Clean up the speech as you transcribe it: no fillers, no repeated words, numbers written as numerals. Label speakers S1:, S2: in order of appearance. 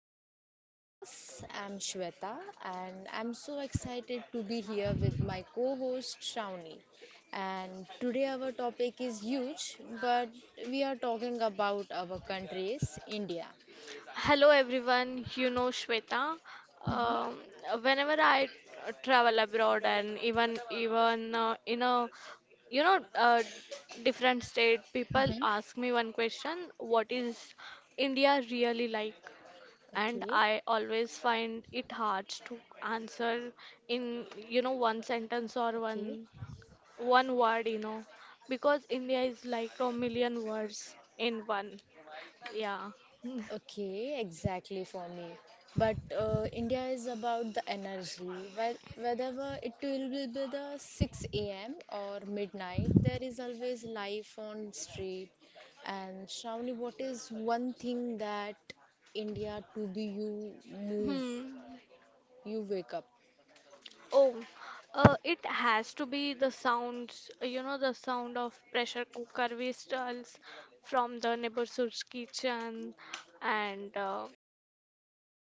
S1: India Plus. I'm Shweta and I'm so excited to be here with my co-host Shravani. And today our topic is huge, but we are talking about our country's India.
S2: Hello everyone, you know Shweta.
S1: Mhm.
S2: Um, whenever I travel abroad and even in a you know uh, different state, people ask me one question: what is India really like? And
S1: Okay,
S2: I always find it hard to answer in one sentence or one
S1: okay.
S2: one word, because India is like a million words in one. Yeah.
S1: Okay, exactly for me. But India is about the energy. Whether it will be the 6 a.m. or midnight, there is always life on street. And Shravani, what is one thing that India to be you move,
S2: Hmm.
S1: you wake up?
S2: Oh, it has to be the sounds, the sound of pressure cooker whistles from the neighborhood's kitchen and